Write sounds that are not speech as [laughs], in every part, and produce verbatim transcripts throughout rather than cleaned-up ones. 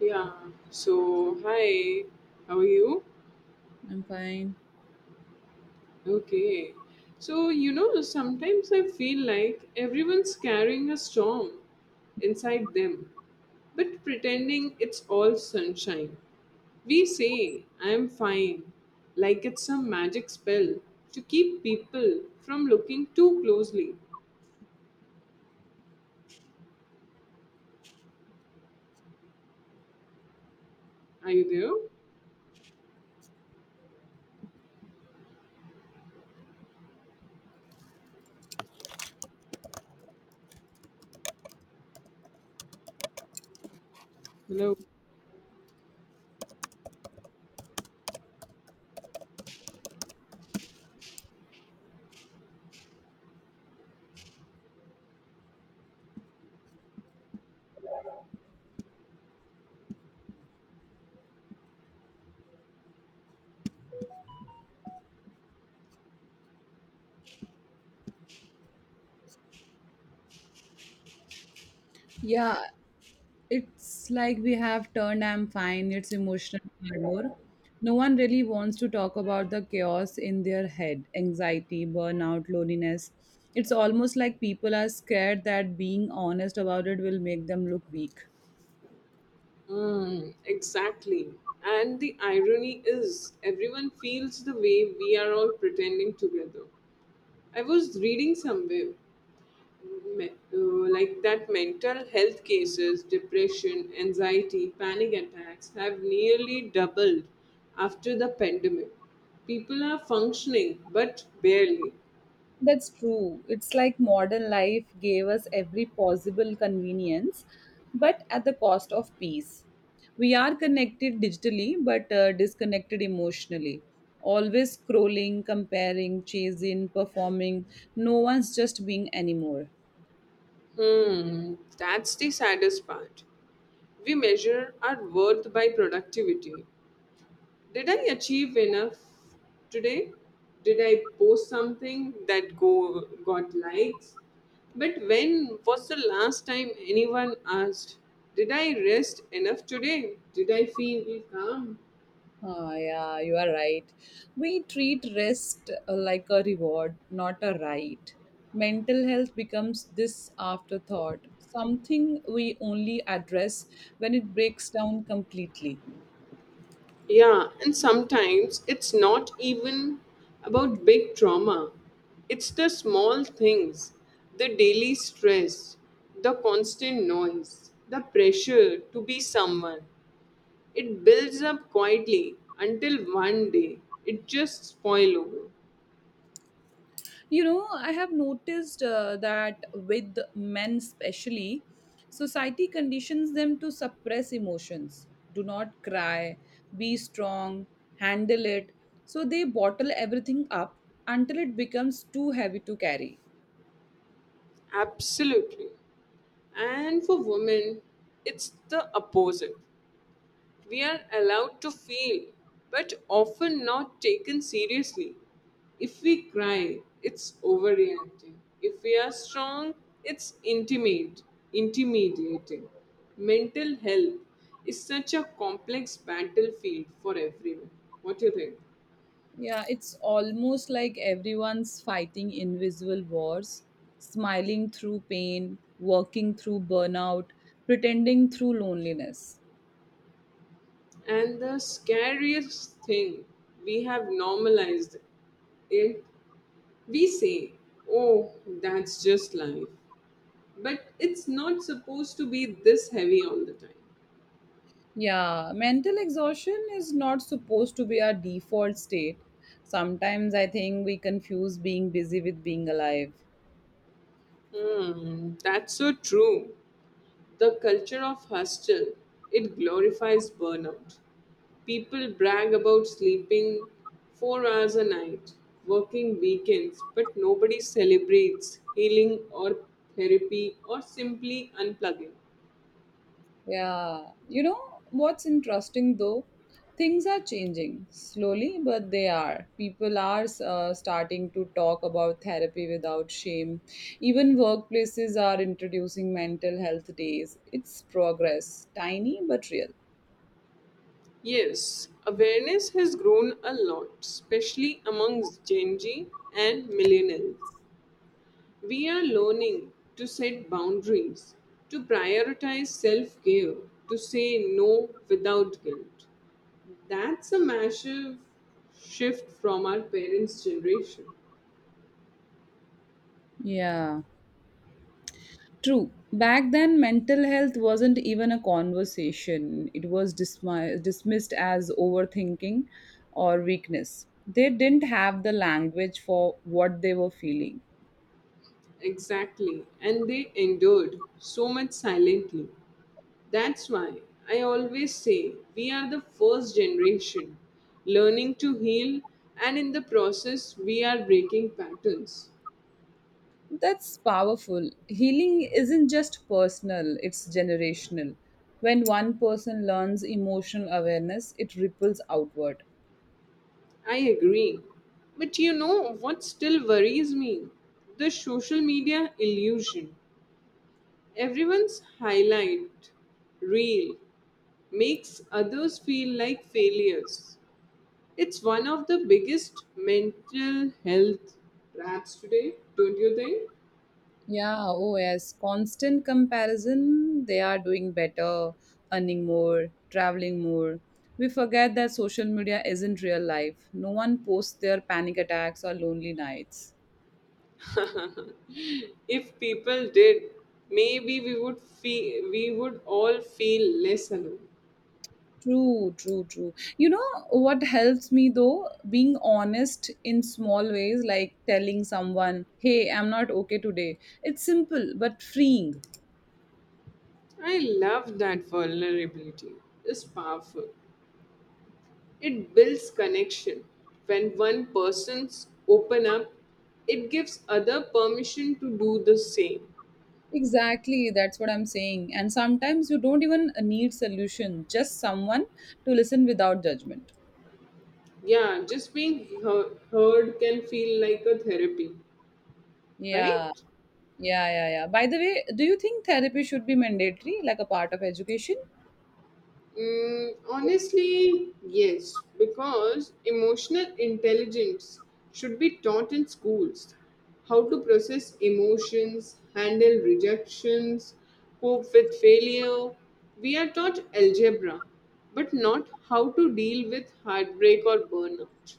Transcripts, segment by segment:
Yeah. So, hi, how are you? I'm fine. Okay. So, you know, sometimes I feel like everyone's carrying a storm inside them, but pretending it's all sunshine. We say, I'm fine, like it's some magic spell to keep people from looking too closely. Are you there? Hello? Yeah, it's like we have turned I'm fine, it's emotional armor. No one really wants to talk about the chaos in their head, anxiety, burnout, loneliness. It's almost like people are scared that being honest about it will make them look weak. Mm, exactly. And the irony is, everyone feels the way we are all pretending together. I was reading somewhere me- uh, like that mental health cases, depression, anxiety, panic attacks have nearly doubled after the pandemic. People are functioning, but barely. That's true. It's like modern life gave us every possible convenience, but at the cost of peace. We are connected digitally, but uh, disconnected emotionally. Always scrolling, comparing, chasing, performing. No one's just being anymore. Hmm, that's the saddest part. We measure our worth by productivity. Did I achieve enough today? Did I post something that go got likes? But when was the last time anyone asked, did I rest enough today? Did I feel calm? Oh, yeah, you are right. We treat rest uh, like a reward, not a right. Mental health becomes this afterthought, something we only address when it breaks down completely. Yeah, and sometimes it's not even about big trauma. It's the small things, the daily stress, the constant noise, the pressure to be someone. It builds up quietly until one day it just spoil over. You know, I have noticed uh, that with men, especially, society conditions them to suppress emotions. Do not cry, be strong, handle it. So they bottle everything up until it becomes too heavy to carry. Absolutely. And for women, it's the opposite. We are allowed to feel, but often not taken seriously. If we cry, it's overreacting. If we are strong, it's intimate, intimidating. Mental health is such a complex battlefield for everyone. What do you think? Yeah, it's almost like everyone's fighting invisible wars, smiling through pain, working through burnout, pretending through loneliness. And the scariest thing, we have normalized it. We say, oh, that's just life. But it's not supposed to be this heavy all the time. Yeah, mental exhaustion is not supposed to be our default state. Sometimes I think we confuse being busy with being alive. Hmm, that's so true. The culture of hostel, it glorifies burnout. People brag about sleeping four hours a night, working weekends, but nobody celebrates healing or therapy or simply unplugging. Yeah, you know what's interesting though? Things are changing slowly, but they are. People are uh, starting to talk about therapy without shame. Even workplaces are introducing mental health days. It's progress, tiny but real. Yes, awareness has grown a lot, especially amongst Gen Z and millennials. We are learning to set boundaries, to prioritize self care, to say no without guilt. That's a massive shift from our parents' generation. Yeah, true. Back then, mental health wasn't even a conversation, it was dismi- dismissed as overthinking or weakness. They didn't have the language for what they were feeling. Exactly, and they endured so much silently. That's why I always say we are the first generation learning to heal, and in the process, we are breaking patterns. That's powerful. Healing isn't just personal, it's generational. When one person learns emotional awareness, it ripples outward. I agree. But you know what still worries me? The social media illusion. Everyone's highlight reel makes others feel like failures. It's one of the biggest mental health traps today, don't you think? Yeah, oh yes, constant comparison, they are doing better, earning more, traveling more. We forget that social media isn't real life. No one posts their panic attacks or lonely nights. [laughs] If people did, maybe we would feel we would all feel less alone. True, true, true. You know what helps me though? Being honest in small ways, like telling someone, hey, I'm not okay today. It's simple but freeing. I love that vulnerability. It's powerful. It builds connection. When one person's open up, it gives other permission to do the same. Exactly, that's what I'm saying. And sometimes you don't even need solution, just someone to listen without judgment. Yeah, just being he- heard can feel like a therapy, Yeah, right? yeah, yeah, yeah. By the way, do you think therapy should be mandatory, like a part of education? Mm, honestly, yes, because emotional intelligence should be taught in schools. How to process emotions, handle rejections, cope with failure. We are taught algebra, but not how to deal with heartbreak or burnout.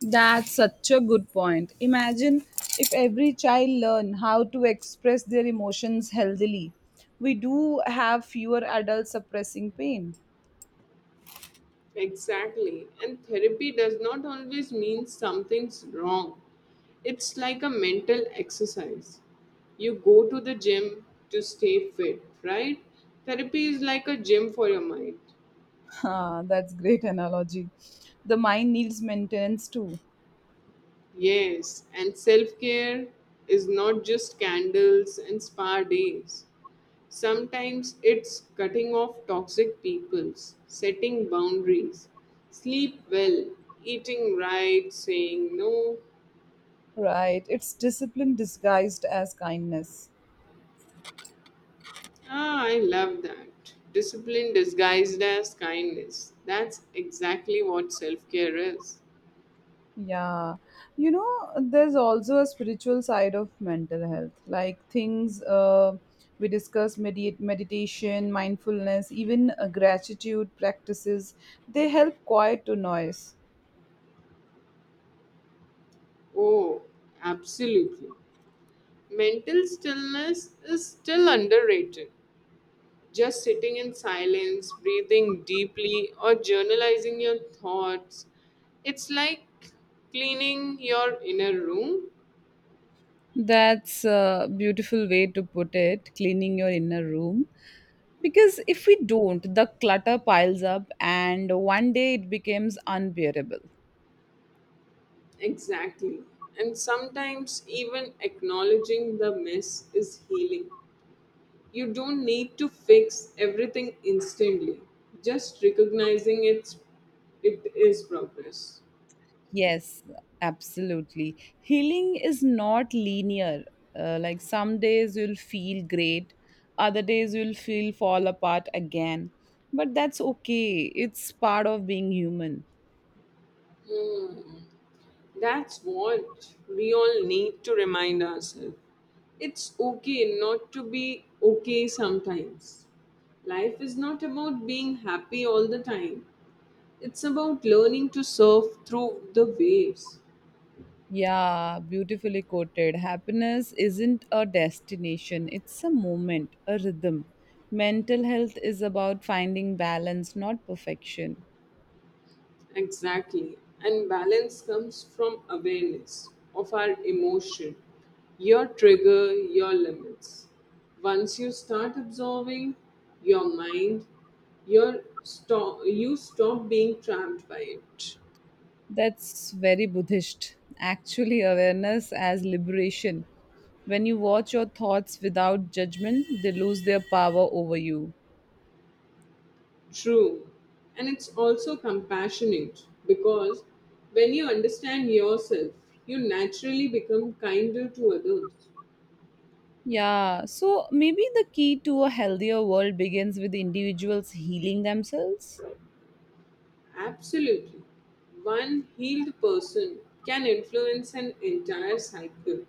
That's such a good point. Imagine if every child learned how to express their emotions healthily. We do have fewer adults suppressing pain. Exactly. And therapy does not always mean something's wrong. It's like a mental exercise. You go to the gym to stay fit, right? Therapy is like a gym for your mind. [laughs] Ah, that's great analogy. The mind needs maintenance too. Yes, and self care is not just candles and spa days. Sometimes it's cutting off toxic peoples, setting boundaries, sleep well, eating right, saying no. Right. It's discipline disguised as kindness. Ah, I love that. Discipline disguised as kindness. That's exactly what self care is. Yeah, you know, there's also a spiritual side of mental health, like things uh, we discuss medi- meditation, mindfulness, even uh, gratitude practices, they help quiet to noise. Oh, absolutely. Mental stillness is still underrated. Just sitting in silence, breathing deeply, or journalizing your thoughts. It's like cleaning your inner room. That's a beautiful way to put it, cleaning your inner room. Because if we don't, the clutter piles up and one day it becomes unbearable. Exactly. And sometimes even acknowledging the mess is healing. You don't need to fix everything instantly. Just recognizing it's, it is progress. Yes, absolutely. Healing is not linear. Uh, like some days you'll feel great, other days you'll feel fall apart again. But that's okay. It's part of being human. Hmm. That's what we all need to remind ourselves. It's okay not to be okay sometimes. Life is not about being happy all the time, it's about learning to surf through the waves. Yeah, beautifully quoted. Happiness isn't a destination, it's a moment, a rhythm. Mental health is about finding balance, not perfection. Exactly. And balance comes from awareness of our emotion, your trigger, your limits. Once you start absorbing your mind, your stop, you stop being trapped by it. That's very Buddhist. Actually, awareness as liberation. When you watch your thoughts without judgment, they lose their power over you. True. And it's also compassionate because when you understand yourself, you naturally become kinder to others. Yeah, so maybe the key to a healthier world begins with individuals healing themselves. Absolutely. One healed person can influence an entire cycle: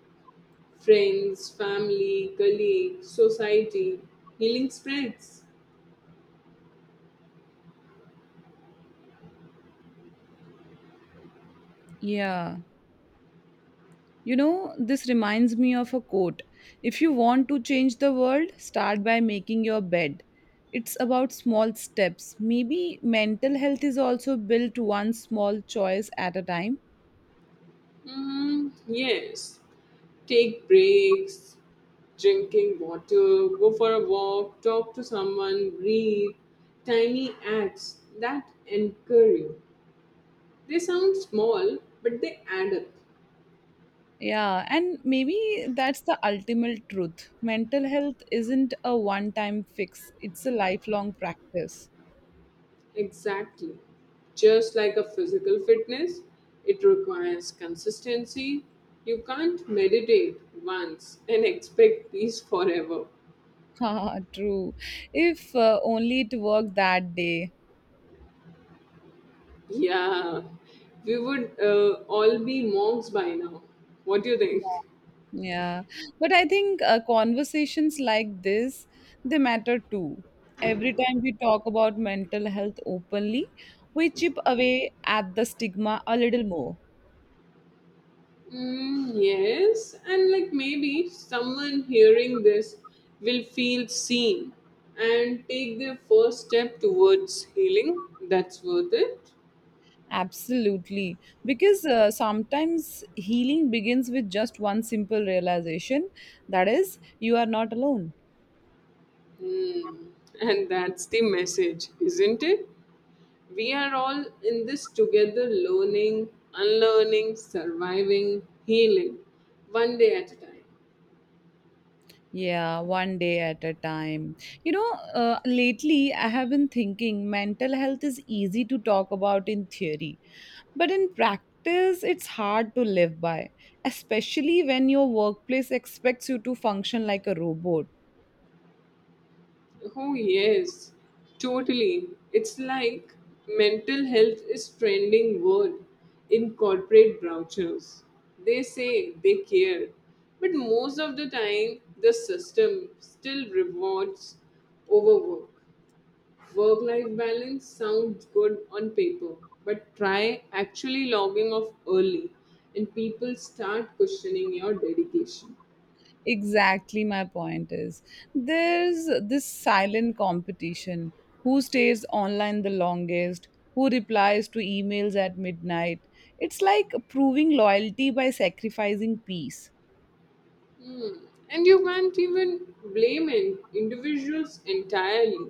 friends, family, colleagues, society. Healing spreads. Yeah. You know, this reminds me of a quote. If you want to change the world, start by making your bed. It's about small steps. Maybe mental health is also built one small choice at a time. Mm, yes. Take breaks, drinking water, go for a walk, talk to someone, breathe. Tiny acts that anchor you. They sound small, but they add up. Yeah, and maybe that's the ultimate truth. Mental health isn't a one time fix, it's a lifelong practice. Exactly. Just like a physical fitness, it requires consistency. You can't meditate once and [laughs] expect peace forever. [laughs] Haha, true. If uh, only it worked that day. Yeah, we would uh, all be monks by now. What do you think? Yeah. But I think uh, conversations like this, they matter too. Every time we talk about mental health openly, we chip away at the stigma a little more. Mm, yes, and like maybe someone hearing this will feel seen and take their first step towards healing. That's worth it. Absolutely. Because uh, sometimes healing begins with just one simple realization that is, you are not alone. Mm, and that's the message, isn't it? We are all in this together, learning, unlearning, surviving, healing, one day at a time. Yeah, one day at a time. You know, uh, lately I have been thinking mental health is easy to talk about in theory, but in practice it's hard to live by, especially when your workplace expects you to function like a robot. Oh, yes, totally. It's like mental health is trending word in corporate brochures. They say they care, but most of the time the system still rewards overwork. Work life balance sounds good on paper, but try actually logging off early and people start questioning your dedication. Exactly, my point is there's this silent competition who stays online the longest, who replies to emails at midnight. It's like proving loyalty by sacrificing peace. And you can't even blame in- individuals entirely.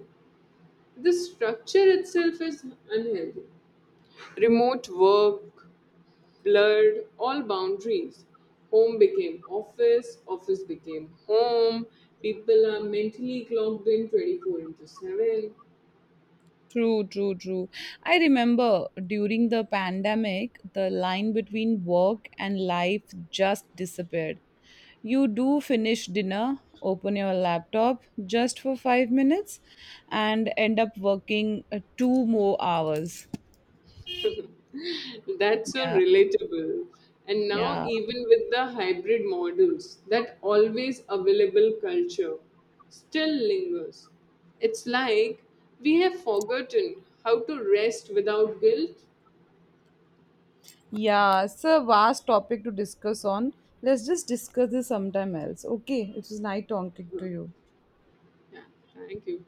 The structure itself is unhealthy. Remote work blurred all boundaries. Home became office, office became home. People are mentally clocked in twenty-four into seven. True, true, true. I remember during the pandemic, the line between work and life just disappeared. You do finish dinner, open your laptop just for five minutes, and end up working uh, two more hours. That's so Yeah, relatable. And now, yeah. even with the hybrid models, that always available culture still lingers. It's like we have forgotten how to rest without guilt. Yeah, it's a vast topic to discuss on. Let's just discuss this sometime else. Okay, it was nice talking Uh, to you. Yeah, thank you.